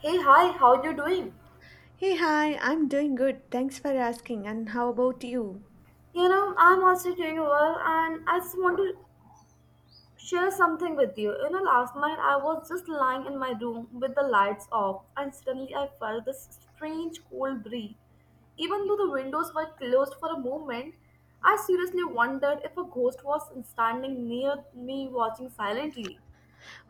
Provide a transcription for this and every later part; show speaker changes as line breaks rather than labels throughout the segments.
Hey, hi, how you doing?
Hey, hi, I'm doing good. Thanks for asking. And how about you?
You know, I'm also doing well and I just want to share something with you. You know, last night I was just lying in my room with the lights off and suddenly I felt this strange cold breeze. Even though the windows were closed for a moment, I seriously wondered if a ghost was standing near me watching silently.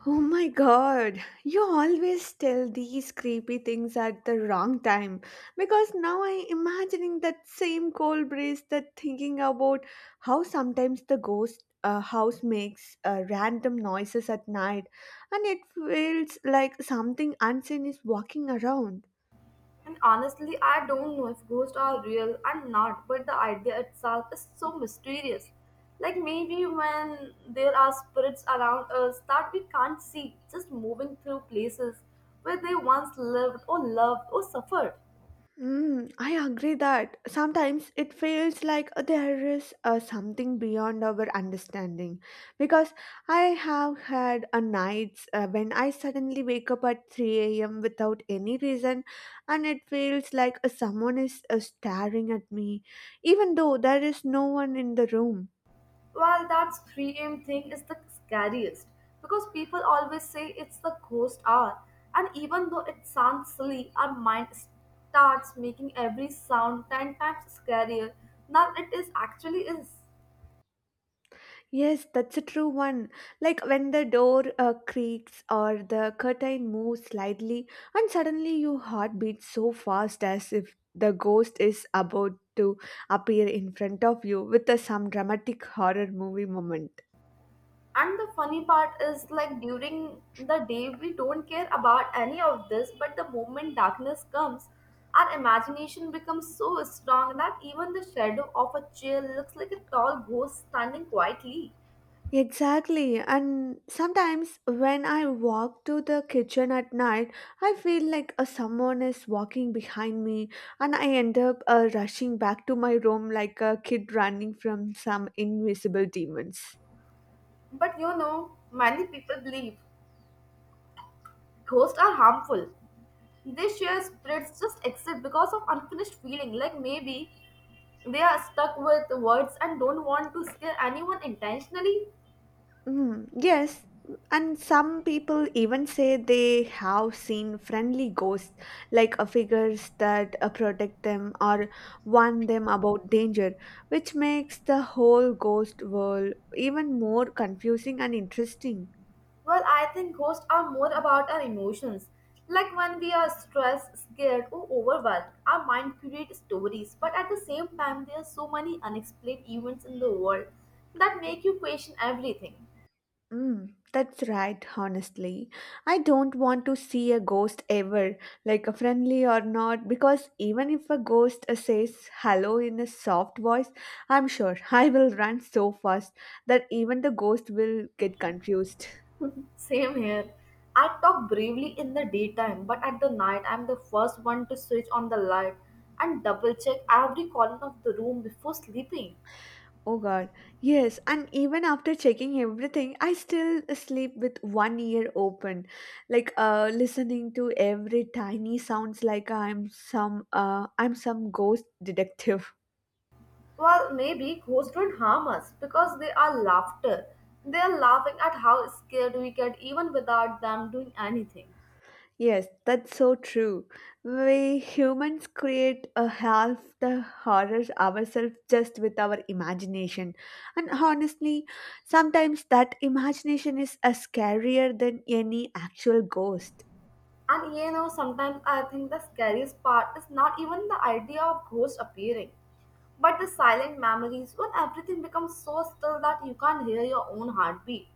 Oh my god, you always tell these creepy things at the wrong time because now I'm imagining that same cold breeze that thinking about how sometimes the ghost house makes random noises at night and it feels like something unseen is walking around.
And honestly, I don't know if ghosts are real or not, but the idea itself is so mysterious. Like maybe when there are spirits around us that we can't see, just moving through places where they once lived or loved or suffered.
Mm, I agree that sometimes it feels like there is something beyond our understanding because I have had a nights when I suddenly wake up at 3 a.m. without any reason and it feels like someone is staring at me even though there is no one in the room.
Well, that 3 a.m. thing is the scariest because people always say it's the ghost hour, and even though it sounds silly, our mind starts making every sound 10 times scarier than it is actually is.
Yes, that's a true one. Like when the door creaks or the curtain moves slightly, and suddenly your heart beats so fast as if the ghost is about to appear in front of you with some dramatic horror movie moment.
And the funny part is, like, during the day, we don't care about any of this, but the moment darkness comes, our imagination becomes so strong that even the shadow of a chair looks like a tall ghost standing quietly.
Exactly, and sometimes when I walk to the kitchen at night, I feel like someone is walking behind me, and I end up rushing back to my room like a kid running from some invisible demons.
But you know, many people believe ghosts are harmful. They share spirits just exist because of unfinished feeling, like maybe they are stuck with words and don't want to scare anyone intentionally.
Mm, yes, and some people even say they have seen friendly ghosts, like figures that protect them or warn them about danger, which makes the whole ghost world even more confusing and interesting.
Well, I think ghosts are more about our emotions. Like when we are stressed, scared, or overwhelmed, our mind creates stories, but at the same time, there are so many unexplained events in the world that make you question everything.
Mm, that's right, honestly. I don't want to see a ghost ever, like a friendly or not, because even if a ghost says hello in a soft voice, I'm sure I will run so fast that even the ghost will get confused.
Same here. I talk bravely in the daytime, but at the night, I'm the first one to switch on the light and double check every corner of the room before sleeping.
Oh god, yes, and even after checking everything, I still sleep with one ear open, like listening to every tiny sounds like I'm some ghost detective.
Well, maybe ghosts don't harm us because they are laughter. They are laughing at how scared we get even without them doing anything.
Yes, that's so true. We humans create a half the horrors ourselves just with our imagination. And honestly, sometimes that imagination is a scarier than any actual ghost.
And you know, sometimes I think the scariest part is not even the idea of ghosts appearing, but the silent memories when everything becomes so still that you can't hear your own heartbeat.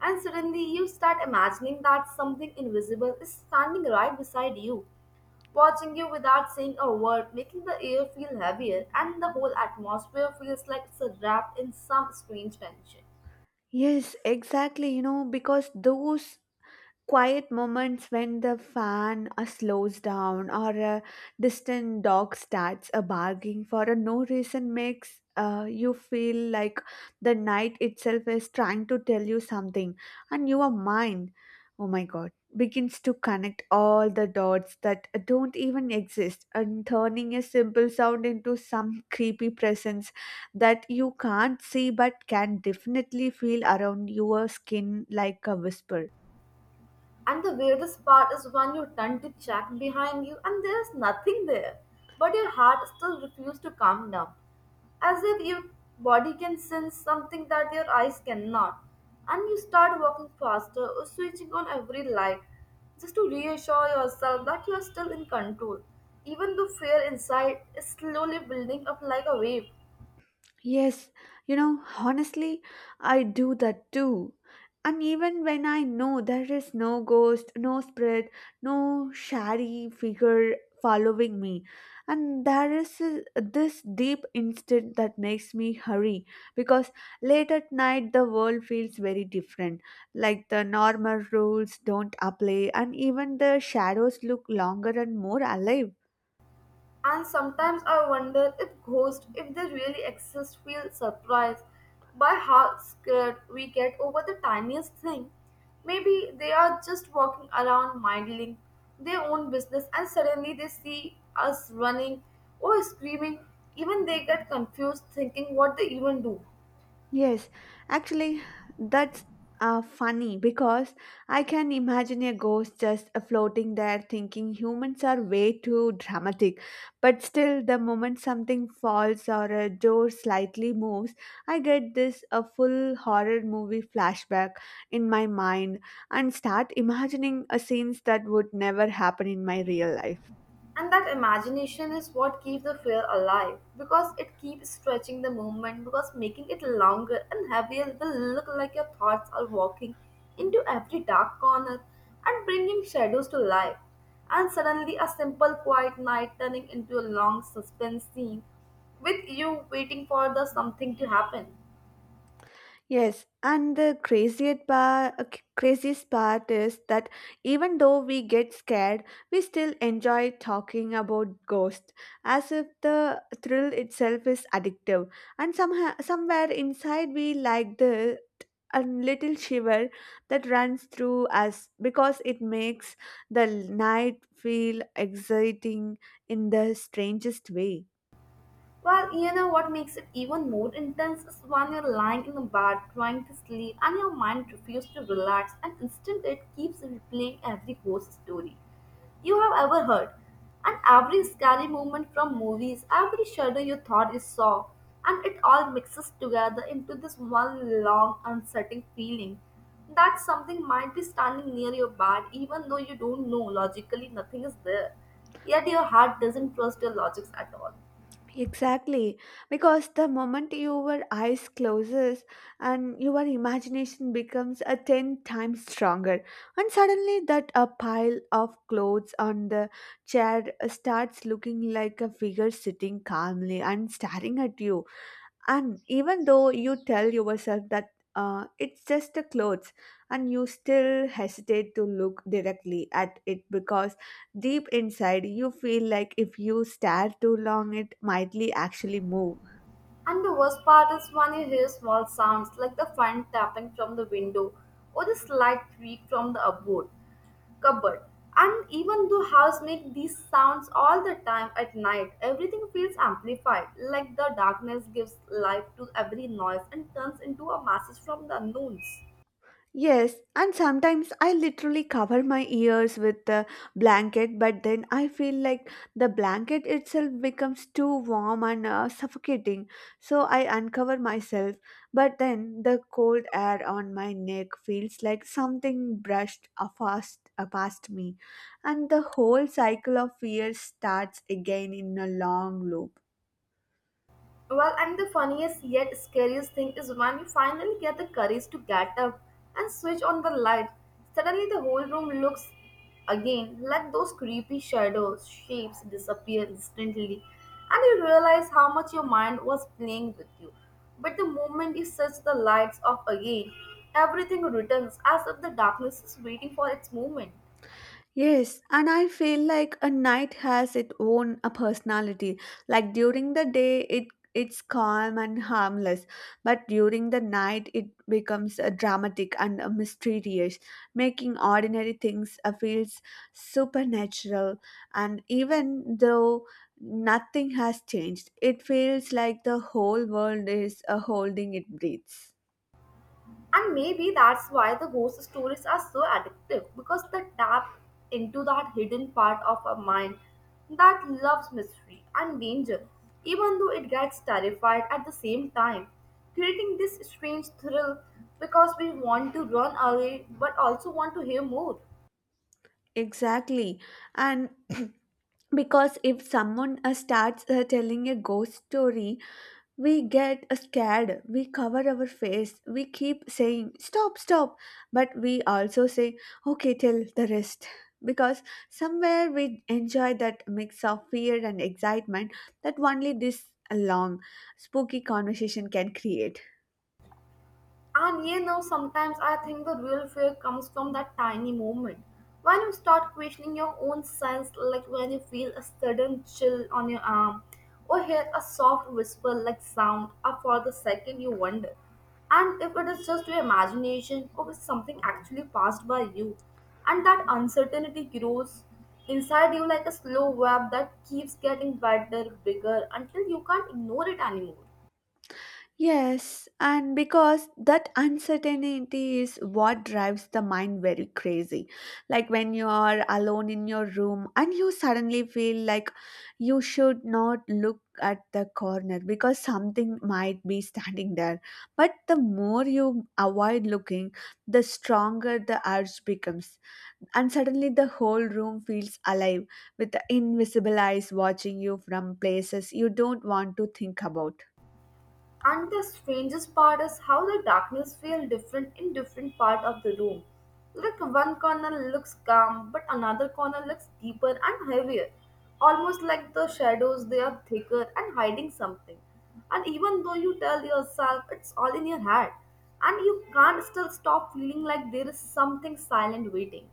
And suddenly you start imagining that something invisible is standing right beside you, watching you without saying a word, making the air feel heavier, and the whole atmosphere feels like it's wrapped in some strange tension.
Yes, exactly, you know, because those quiet moments when the fan slows down or a distant dog starts a barking for a no reason makes you feel like the night itself is trying to tell you something and your mind, oh my god, begins to connect all the dots that don't even exist and turning a simple sound into some creepy presence that you can't see but can definitely feel around your skin like a whisper.
And the weirdest part is when you turn to check behind you and there is nothing there, but your heart still refuses to calm down, as if your body can sense something that your eyes cannot. And you start walking faster or switching on every light just to reassure yourself that you are still in control, even though fear inside is slowly building up like a wave.
Yes, you know, honestly, I do that too. And even when I know there is no ghost, no spirit, no shady figure following me, and there is this deep instinct that makes me hurry because late at night the world feels very different. Like the normal rules don't apply, and even the shadows look longer and more alive.
And sometimes I wonder if ghosts, if they really exist, feel surprised by how scared we get over the tiniest thing. Maybe they are just walking around minding their own business and suddenly they see us running or screaming. Even they get confused thinking what they even do.
Yes, actually, that's funny because I can imagine a ghost just floating there thinking humans are way too dramatic. But still, the moment something falls or a door slightly moves, I get this a full horror movie flashback in my mind and start imagining a scenes that would never happen in my real life.
And that imagination is what keeps the fear alive because it keeps stretching the movement because making it longer and heavier will look like your thoughts are walking into every dark corner and bringing shadows to life. And suddenly, a simple quiet night turning into a long suspense scene with you waiting for the something to happen.
Yes, and the craziest part is that even though we get scared, we still enjoy talking about ghosts, as if the thrill itself is addictive. And somehow, somewhere inside, we like the a little shiver that runs through us because it makes the night feel exciting in the strangest way.
Well, you know what makes it even more intense is when you're lying in the bed trying to sleep and your mind refuses to relax, and instead it keeps replaying every ghost story you have ever heard, and every scary moment from movies, every shadow you thought you saw, and it all mixes together into this one long, unsettling feeling that something might be standing near your bed, even though you don't know logically nothing is there. Yet your heart doesn't trust your logics at all.
Exactly, because the moment your eyes closes and your imagination becomes a 10 times stronger and suddenly that a pile of clothes on the chair starts looking like a figure sitting calmly and staring at you and even though you tell yourself that it's just the clothes and you still hesitate to look directly at it because deep inside you feel like if you stare too long it mightly actually move.
And the worst part is when you hear small sounds like the fan tapping from the window or the slight creak from the upboard cupboard. And even though house make these sounds all the time at night, everything feels amplified, like the darkness gives life to every noise and turns into a message from the unknowns.
Yes, and sometimes I literally cover my ears with the blanket, but then I feel like the blanket itself becomes too warm and suffocating. So I uncover myself, but then the cold air on my neck feels like something brushed fast past me, and the whole cycle of fear starts again in a long loop.
Well, and the funniest yet scariest thing is when you finally get the courage to get up and switch on the light. Suddenly, the whole room looks again like those creepy shadows, shapes disappear instantly, and you realize how much your mind was playing with you. But the moment you switch the lights off again, everything returns as if the darkness is waiting for its moment.
Yes, and I feel like a night has its own a personality. Like during the day, it's calm and harmless, but during the night, it becomes dramatic and mysterious, making ordinary things feels supernatural. And even though nothing has changed, it feels like the whole world is holding its breaths.
And maybe that's why the ghost stories are so addictive because they tap into that hidden part of our mind that loves mystery and danger, even though it gets terrified at the same time, creating this strange thrill because we want to run away but also want to hear more.
Exactly. And because if someone starts telling a ghost story we get scared, we cover our face, we keep saying stop stop, but we also say okay tell the rest, because somewhere we enjoy that mix of fear and excitement that only this long spooky conversation can create.
And you know, sometimes I think the real fear comes from that tiny moment. When you start questioning your own sense, like when you feel a sudden chill on your arm, or hear a soft whisper like sound, or for the second you wonder. And if it is just your imagination, or if something actually passed by you, and that uncertainty grows inside you like a slow web that keeps getting better, bigger, until you can't ignore it anymore.
Yes, and because that uncertainty is what drives the mind very crazy. Like when you are alone in your room and you suddenly feel like you should not look at the corner because something might be standing there. But the more you avoid looking, the stronger the urge becomes. And suddenly the whole room feels alive with the invisible eyes watching you from places you don't want to think about.
And the strangest part is how the darkness feels different in different part of the room. Like one corner looks calm, but another corner looks deeper and heavier. Almost like the shadows, they are thicker and hiding something. And even though you tell yourself it's all in your head, and you can't still stop feeling like there is something silent waiting.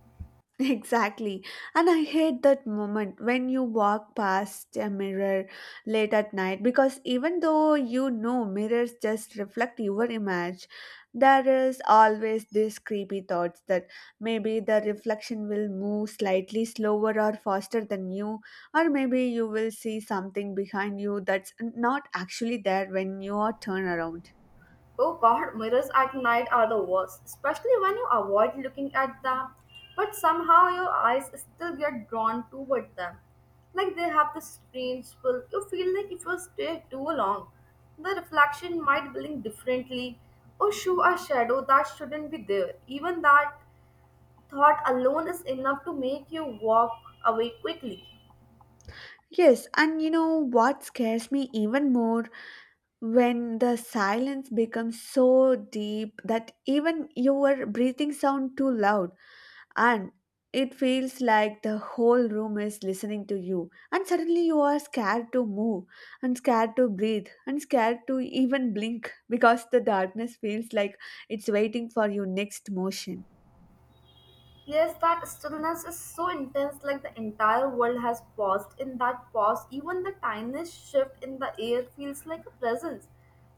Exactly. And I hate that moment when you walk past a mirror late at night because even though you know mirrors just reflect your image, there is always this creepy thoughts that maybe the reflection will move slightly slower or faster than you, or maybe you will see something behind you that's not actually there when you are turn around.
Oh god, mirrors at night are the worst, especially when you avoid looking at them, but somehow your eyes still get drawn toward them. Like they have this strange pull, you feel like if you stare too long, the reflection might blink differently or show a shadow that shouldn't be there. Even that thought alone is enough to make you walk away quickly.
Yes, and you know what scares me even more? When the silence becomes so deep that even your breathing sound too loud and it feels like the whole room is listening to you and suddenly you are scared to move and scared to breathe and scared to even blink because the darkness feels like it's waiting for your next motion.
Yes, that stillness is so intense, like the entire world has paused. In that pause, even the tiniest shift in the air feels like a presence,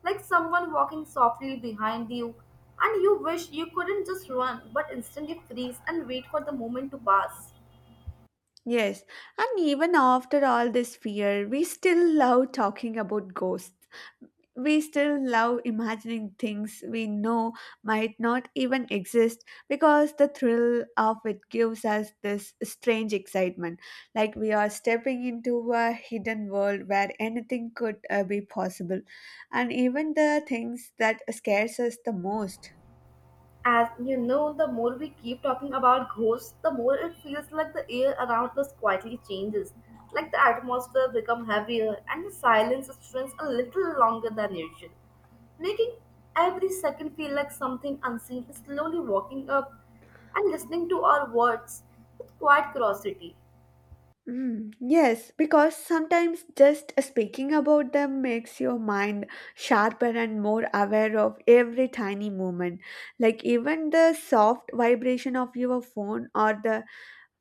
like someone walking softly behind you. And you wish you couldn't just run, but instantly freeze and wait for the moment to pass.
Yes, and even after all this fear we still love talking about ghosts. We still love imagining things we know might not even exist because the thrill of it gives us this strange excitement, like we are stepping into a hidden world where anything could be possible, and even the things that scares us the most.
As you know, the more we keep talking about ghosts, the more it feels like the air around us quietly changes. Like the atmosphere becomes heavier and the silence stretches a little longer than usual, making every second feel like something unseen is slowly walking up and listening to our words with quiet curiosity.
Mm, yes, because sometimes just speaking about them makes your mind sharper and more aware of every tiny movement. Like even the soft vibration of your phone or the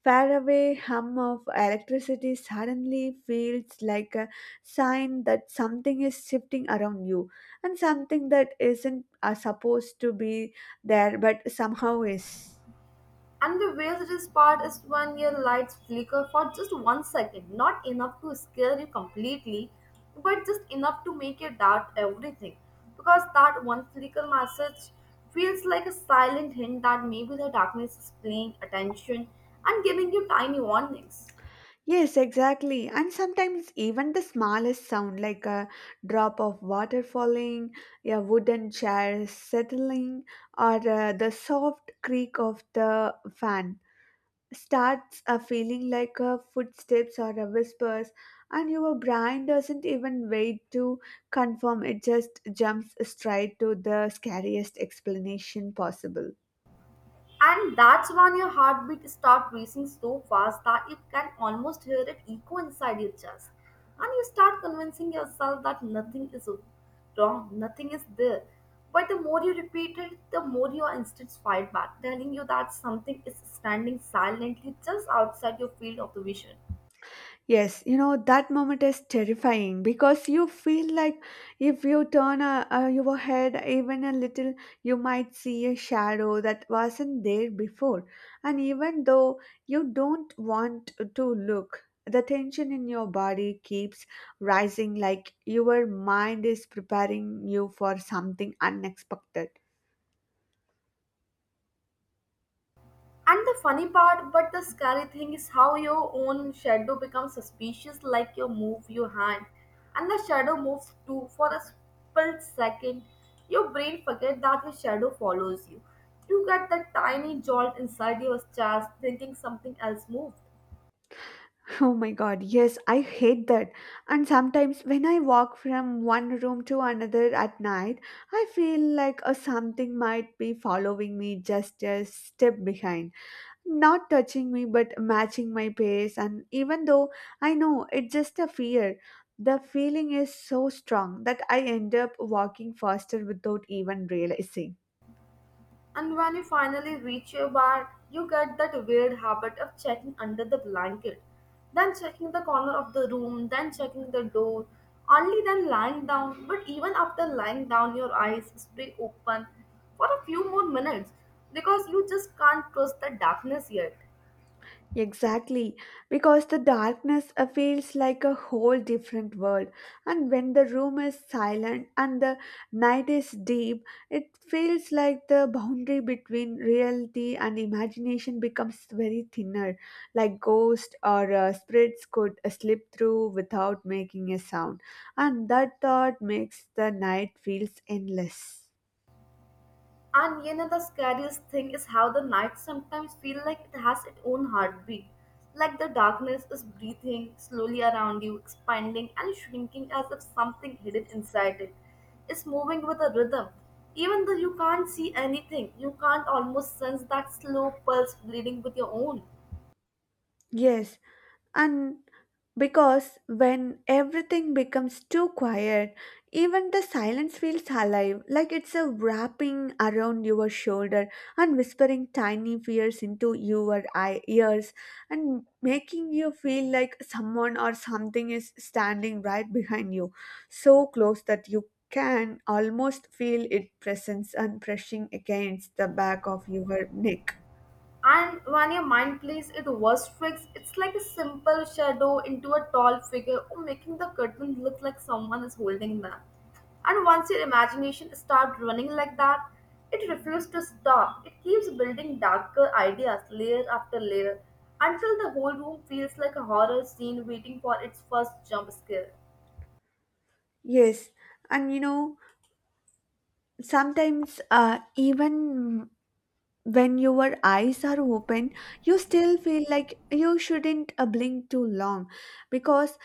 faraway hum of electricity suddenly feels like a sign that something is shifting around you and something that isn't supposed to be there but somehow is.
And the weirdest part is when your lights flicker for just 1 second, not enough to scare you completely, but just enough to make you doubt everything. Because that one flicker message feels like a silent hint that maybe the darkness is paying attention and giving you tiny warnings.
Yes, exactly. And sometimes even the smallest sound, like a drop of water falling, a wooden chair settling, or the soft creak of the fan, starts a feeling like a footsteps or a whispers, and your brain doesn't even wait to confirm; it just jumps straight to the scariest explanation possible.
And that's when your heartbeat start racing so fast that you can almost hear it echo inside your chest. And you start convincing yourself that nothing is wrong, nothing is there. But the more you repeat it, the more your instincts fight back, telling you that something is standing silently just outside your field of the vision.
Yes, you know, that moment is terrifying because you feel like if you turn your head even a little, you might see a shadow that wasn't there before. And even though you don't want to look, the tension in your body keeps rising like your mind is preparing you for something unexpected.
And the funny part, but the scary thing is how your own shadow becomes suspicious like you move your hand. And the shadow moves too for a split second. Your brain forgets that your shadow follows you. You get that tiny jolt inside your chest thinking something else moved.
Oh my god, yes, I hate that. And sometimes when I walk from one room to another at night, I feel like a something might be following me just a step behind, not touching me but matching my pace. And even though I know it's just a fear, the feeling is so strong that I end up walking faster without even realizing.
And when you finally reach your bed, you get that weird habit of checking under the blanket, then checking the corner of the room, then checking the door, only then lying down. But even after lying down, your eyes stay open for a few more minutes because you just can't trust the darkness yet.
Exactly, because the darkness feels like a whole different world, and when the room is silent and the night is deep, it feels like the boundary between reality and imagination becomes very thinner, like ghosts or spirits could slip through without making a sound, and that thought makes the night feels endless.
And you know the scariest thing is how the night sometimes feel like it has its own heartbeat. Like the darkness is breathing slowly around you, expanding and shrinking as if something hidden inside it is moving with a rhythm. Even though you can't see anything, you can't almost sense that slow pulse bleeding with your own.
Yes, and because when everything becomes too quiet, even the silence feels alive, like it's a wrapping around your shoulder and whispering tiny fears into your ears and making you feel like someone or something is standing right behind you, so close that you can almost feel its presence and pressing against the back of your neck.
And when your mind plays its worst tricks, it's like a simple shadow into a tall figure or making the curtain look like someone is holding them. And once your imagination starts running like that, it refuses to stop. It keeps building darker ideas layer after layer until the whole room feels like a horror scene waiting for its first jump scare.
Yes, and you know, sometimes even when your eyes are open you still feel like you shouldn't blink too long because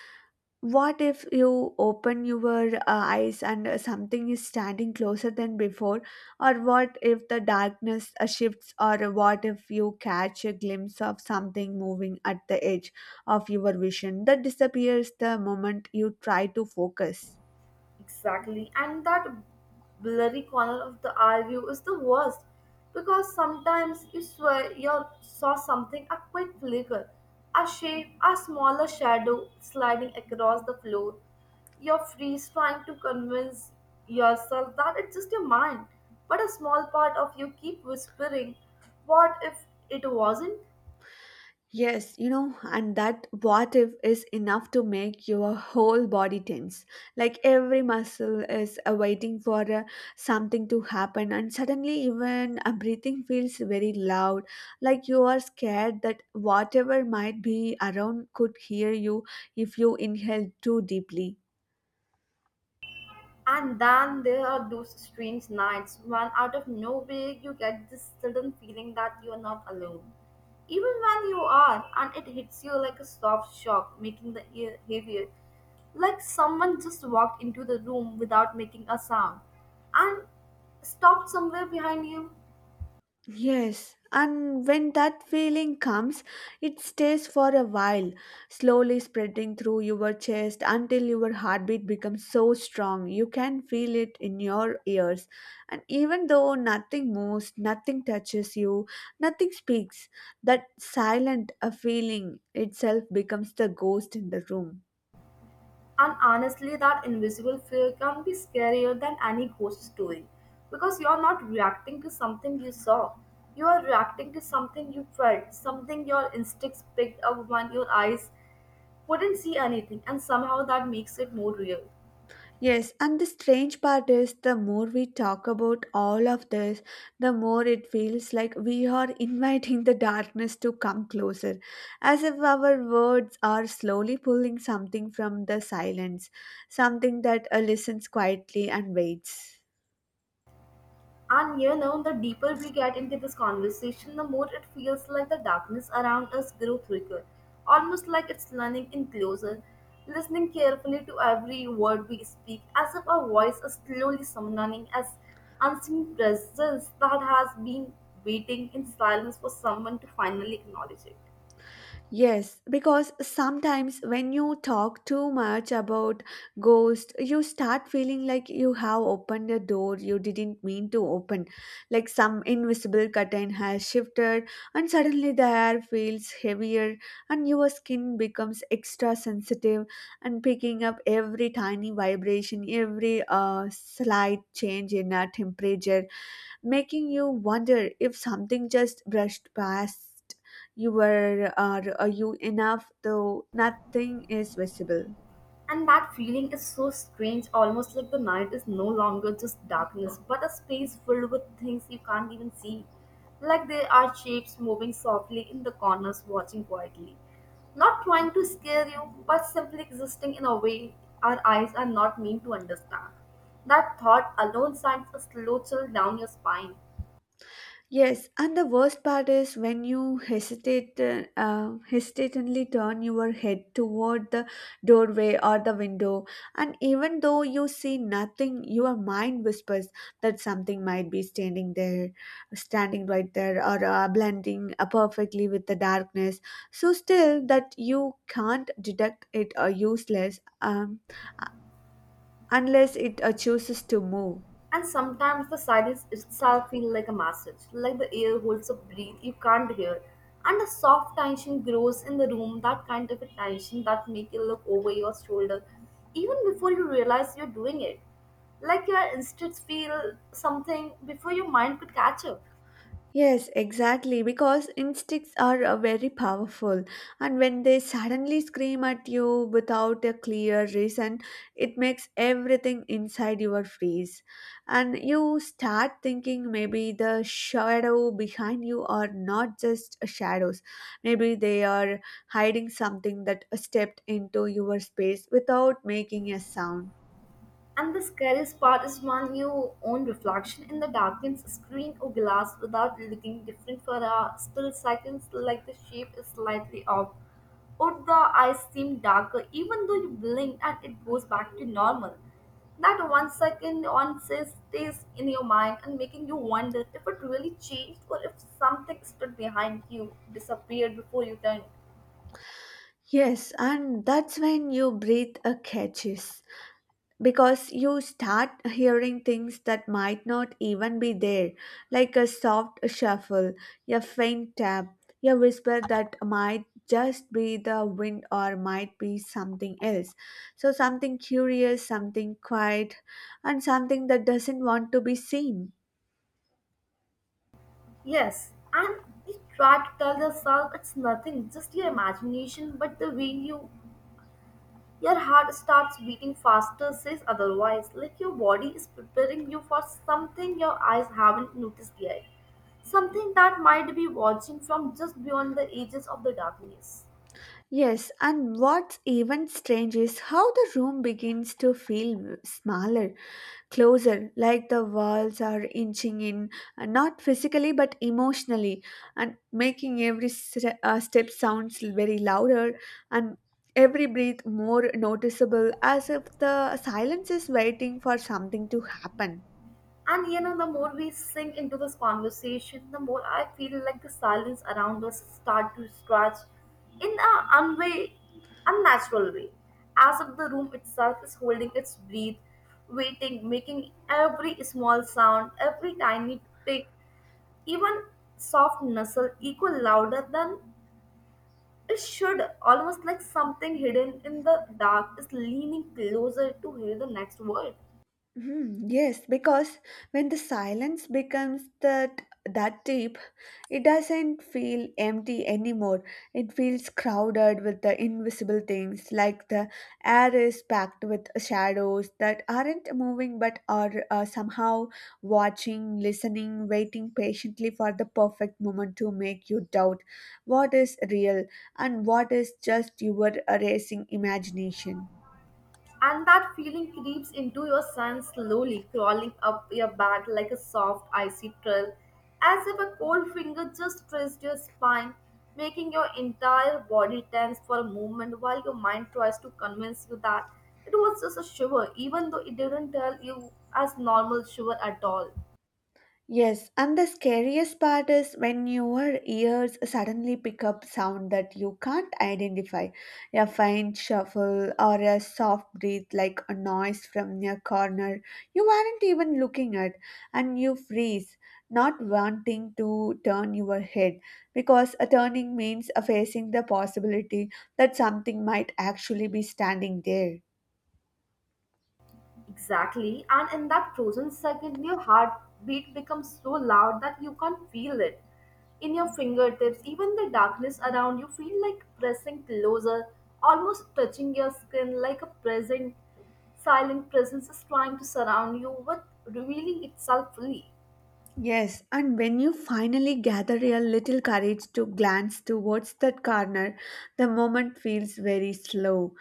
what if you open your eyes and something is standing closer than before or what if the darkness shifts or what if you catch a glimpse of something moving at the edge of your vision that disappears the moment you try to focus.
Exactly. And that blurry corner of the eye view is the worst because sometimes you swear you saw something, a quick flicker, a shape, a smaller shadow sliding across the floor. Your freeze trying to convince yourself that it's just your mind, but a small part of you keep whispering, what if it wasn't?
Yes, you know, and that what if is enough to make your whole body tense. Like every muscle is waiting for something to happen, and suddenly, even breathing feels very loud. Like you are scared that whatever might be around could hear you if you inhale too deeply.
And then there are those strange nights when out of nowhere you get this sudden feeling that you are not alone. Even when you are, and it hits you like a soft shock, making the ear heavier, like someone just walked into the room without making a sound and stopped somewhere behind you.
Yes, and when that feeling comes, it stays for a while, slowly spreading through your chest until your heartbeat becomes so strong you can feel it in your ears. And even though nothing moves, nothing touches you, nothing speaks, that silent a feeling itself becomes the ghost in the room.
And honestly, that invisible fear can be scarier than any ghost story because you're not reacting to something you saw. You are reacting to something you felt, something your instincts picked up when your eyes couldn't see anything, and somehow that makes it more real.
Yes, and the strange part is the more we talk about all of this, the more it feels like we are inviting the darkness to come closer, as if our words are slowly pulling something from the silence, something that listens quietly and waits.
And you know, the deeper we get into this conversation, the more it feels like the darkness around us grew thicker, almost like it's learning in closer, listening carefully to every word we speak, as if our voice is slowly summoning as unseen presence that has been waiting in silence for someone to finally acknowledge it.
Yes, because sometimes when you talk too much about ghosts, you start feeling like you have opened a door you didn't mean to open, like some invisible curtain has shifted, and suddenly the air feels heavier, and your skin becomes extra sensitive and picking up every tiny vibration, every slight change in our temperature making you wonder if something just brushed past you were are you enough though nothing is visible.
And that feeling is so strange, almost like the night is no longer just darkness, but a space filled with things you can't even see. Like there are shapes moving softly in the corners, watching quietly. Not trying to scare you, but simply existing in a way our eyes are not meant to understand. That thought alone sends a slow chill down your spine.
Yes, and the worst part is when you hesitate, hesitantly turn your head toward the doorway or the window, and even though you see nothing, your mind whispers that something might be standing there, standing right there, or blending perfectly with the darkness. So still, that you can't detect it or useless unless it chooses to move.
And sometimes the silence itself feels like a message, like the air holds a breath you can't hear. And a soft tension grows in the room, that kind of a tension that makes you look over your shoulder, even before you realize you're doing it. Like your instincts feel something before your mind could catch up.
Yes, exactly, because instincts are very powerful, and when they suddenly scream at you without a clear reason, it makes everything inside your freeze. And you start thinking maybe the shadow behind you are not just shadows, maybe they are hiding something that stepped into your space without making a sound.
And the scariest part is when your own reflection in the darkened screen or glass without looking different for a still seconds, like the shape is slightly off, or the eyes seem darker, even though you blink and it goes back to normal. That 1 second on says stays in your mind and making you wonder if it really changed or if something stood behind you, disappeared before you turned.
Yes, and that's when you breathe a catches because you start hearing things that might not even be there, like a soft shuffle, a faint tap, a whisper that might just be the wind or might be something else. So, something curious, something quiet, and something that doesn't want to be seen.
Yes, and you try to tell yourself it's nothing, just your imagination, but the way your heart starts beating faster says otherwise, like your body is preparing you for something your eyes haven't noticed yet. Something that might be watching from just beyond the edges of the darkness.
Yes, and what's even strange is how the room begins to feel smaller, closer, like the walls are inching in, and not physically but emotionally, and making every step sounds very louder and every breath more noticeable, as if the silence is waiting for something to happen.
And you know, the more we sink into this conversation, the more I feel like the silence around us start to stretch in a unnatural way, as if the room itself is holding its breath, waiting, making every small sound, every tiny tick, even soft nestle echo louder than it should, almost like something hidden in the dark is leaning closer to hear the next word.
Hmm, yes, because when the silence becomes that deep, it doesn't feel empty anymore. It feels crowded with the invisible things, like the air is packed with shadows that aren't moving but are somehow watching, listening, waiting patiently for the perfect moment to make you doubt what is real and what is just your racing imagination.
And that feeling creeps into your sense slowly, crawling up your back like a soft, icy trail, as if a cold finger just traced your spine, making your entire body tense for a moment while your mind tries to convince you that it was just a shiver, even though it didn't tell you as normal shiver at all.
Yes, and the scariest part is when your ears suddenly pick up sound that you can't identify, a faint shuffle or a soft breath like a noise from your corner you weren't even looking at, and you freeze, not wanting to turn your head because a turning means a facing the possibility that something might actually be standing there.
Exactly. And in that frozen second, your heartbeat becomes so loud that you can't feel it. In your fingertips, even the darkness around you feel like pressing closer, almost touching your skin like a present, silent presence is trying to surround you with revealing itself fully.
Yes, and when you finally gather your little courage to glance towards that corner, the moment feels very slow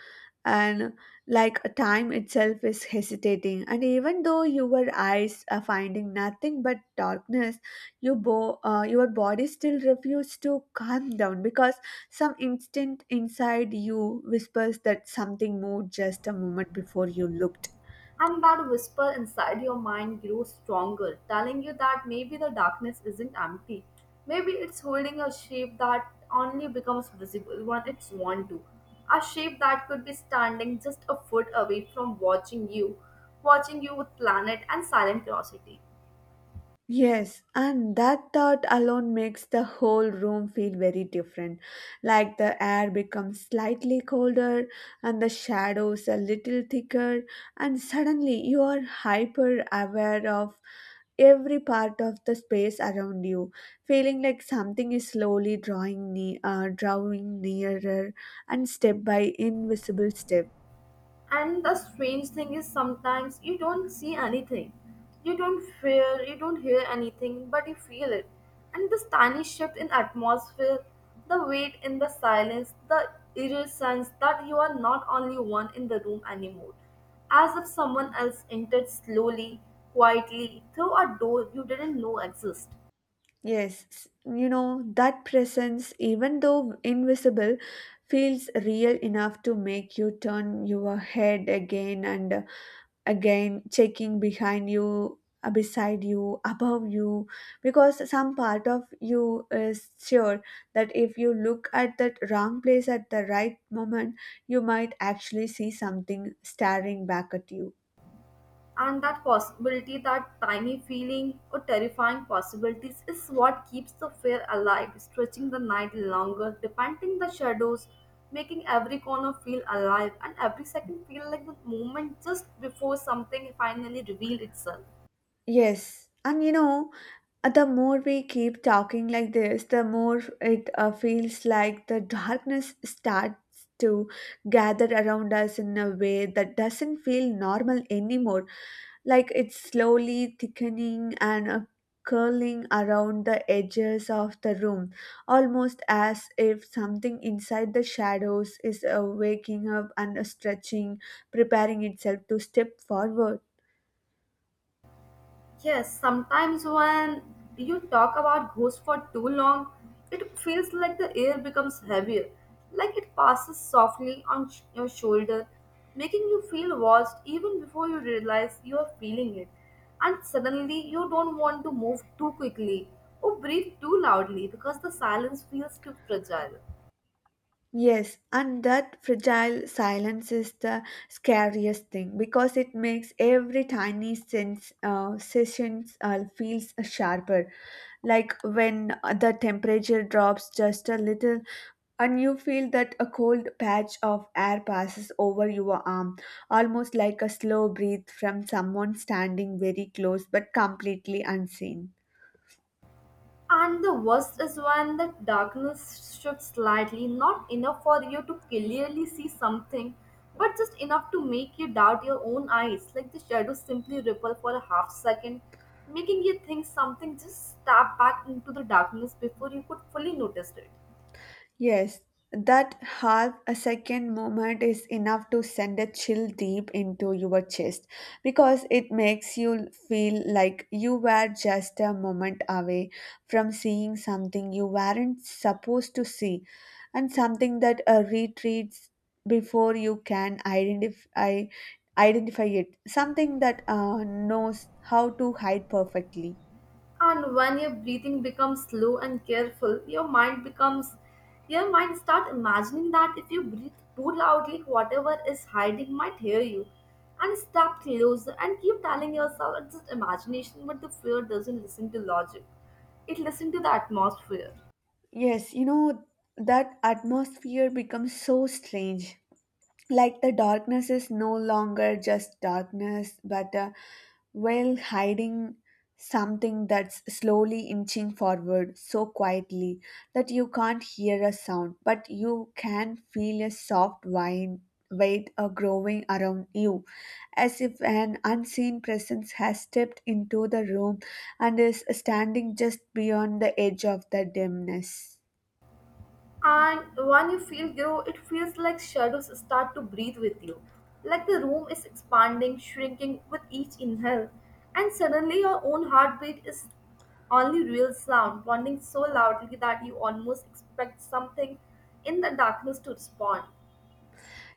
and like time itself is hesitating. And even though your eyes are finding nothing but darkness, your body still refuses to calm down because some instinct inside you whispers that something moved just a moment before you looked.
And that whisper inside your mind grows stronger, telling you that maybe the darkness isn't empty. Maybe it's holding a shape that only becomes visible when it's want to. A shape that could be standing just a foot away from watching you with planet and silent curiosity.
Yes, and that thought alone makes the whole room feel very different. Like the air becomes slightly colder and the shadows a little thicker, and suddenly you are hyper aware of every part of the space around you, feeling like something is slowly drawing nearer and step by invisible step.
And the strange thing is, sometimes you don't see anything, you don't feel, you don't hear anything, but you feel it. And this tiny shift in atmosphere, the weight in the silence, the eerie sense that you are not only one in the room anymore, as if someone else entered slowly, quietly through a door you didn't know existed.
Yes, you know, that presence, even though invisible, feels real enough to make you turn your head again and again, checking behind you, beside you, above you, because some part of you is sure that if you look at that wrong place at the right moment, you might actually see something staring back at you.
And that possibility, that tiny feeling or terrifying possibilities is what keeps the fear alive, stretching the night longer, depending the shadows, making every corner feel alive and every second feel like the moment just before something finally revealed itself.
Yes, and you know, the more we keep talking like this, the more it feels like the darkness starts to gather around us in a way that doesn't feel normal anymore. Like it's slowly thickening and curling around the edges of the room, almost as if something inside the shadows is waking up and stretching, preparing itself to step forward.
Yes, sometimes when you talk about ghosts for too long, it feels like the air becomes heavier, like it passes softly on your shoulder, making you feel watched even before you realize you are feeling it. And suddenly, you don't want to move too quickly or breathe too loudly because the silence feels too fragile.
Yes, and that fragile silence is the scariest thing because it makes every tiny sense sessions feels sharper. Like when the temperature drops just a little, and you feel that a cold patch of air passes over your arm, almost like a slow breath from someone standing very close but completely unseen.
And the worst is when the darkness shifts slightly, not enough for you to clearly see something, but just enough to make you doubt your own eyes. Like the shadows simply ripple for a half second, making you think something just stabbed back into the darkness before you could fully notice it.
Yes, that half a second moment is enough to send a chill deep into your chest because it makes you feel like you were just a moment away from seeing something you weren't supposed to see and something that retreats before you can identify it, something that knows how to hide perfectly.
And when your breathing becomes slow and careful, your mind start imagining that if you breathe too loudly whatever is hiding might hear you and step closer, and keep telling yourself it's just imagination, but the fear doesn't listen to logic, it listens to the atmosphere.
Yes, you know, that atmosphere becomes so strange, like the darkness is no longer just darkness but a veil hiding something that's slowly inching forward so quietly that you can't hear a sound but you can feel a soft wind weight growing around you, as if an unseen presence has stepped into the room and is standing just beyond the edge of the dimness.
And when you feel grow, it feels like shadows start to breathe with you. Like the room is expanding, shrinking with each inhale. And suddenly your own heartbeat is only real sound, pounding so loudly that you almost expect something in the darkness to respond.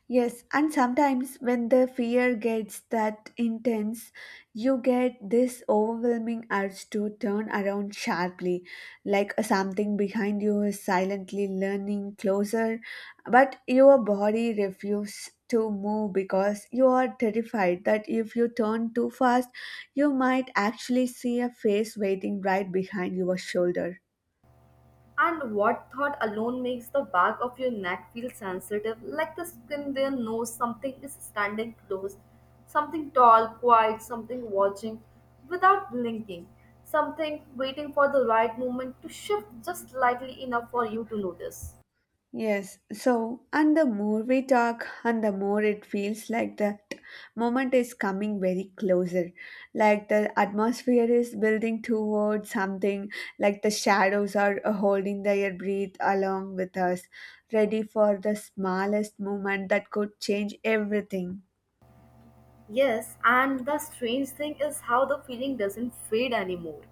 Yes, and sometimes when the fear gets that intense, you get this overwhelming urge to turn around sharply, like something behind you is silently leaning closer, but your body refuses to move because you are terrified that if you turn too fast, you might actually see a face waiting right behind your shoulder.
And what thought alone makes the back of your neck feel sensitive, like the skin there knows something is standing close, something tall, quiet, something watching without blinking, something waiting for the right moment to shift just slightly enough for you to notice.
Yes, so and the more we talk, and the more it feels like that moment is coming very closer. Like the atmosphere is building towards something, like the shadows are holding their breath along with us, ready for the smallest moment that could change everything.
Yes, and the strange thing is how the feeling doesn't fade anymore.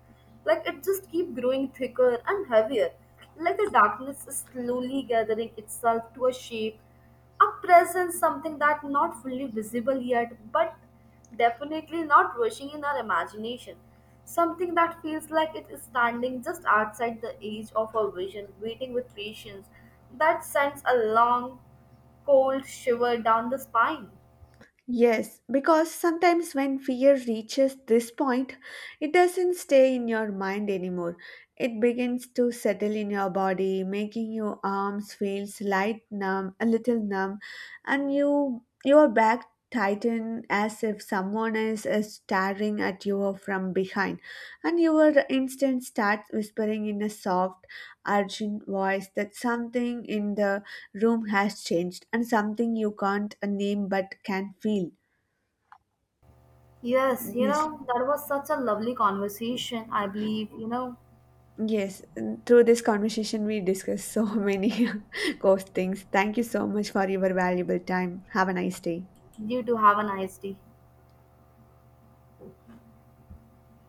Like it just keep growing thicker and heavier. Like the darkness is slowly gathering itself to a shape, a presence, something that not fully visible yet, but definitely not rushing in our imagination. Something that feels like it is standing just outside the edge of our vision, waiting with patience, that sends a long, cold shiver down the spine.
Yes, because sometimes when fear reaches this point, it doesn't stay in your mind anymore. It begins to settle in your body, making your arms feels light numb, a little numb, and you your back tighten as if someone is staring at you from behind, and your instinct starts whispering in a soft, urgent voice that something in the room has changed and something you can't name but can feel.
Yes, you
Yes,
know, that was such a lovely conversation. I believe, you know,
yes. And through this conversation, we discussed so many ghost things. Thank you so much for your valuable time. Have a nice day.
You do have a nice day.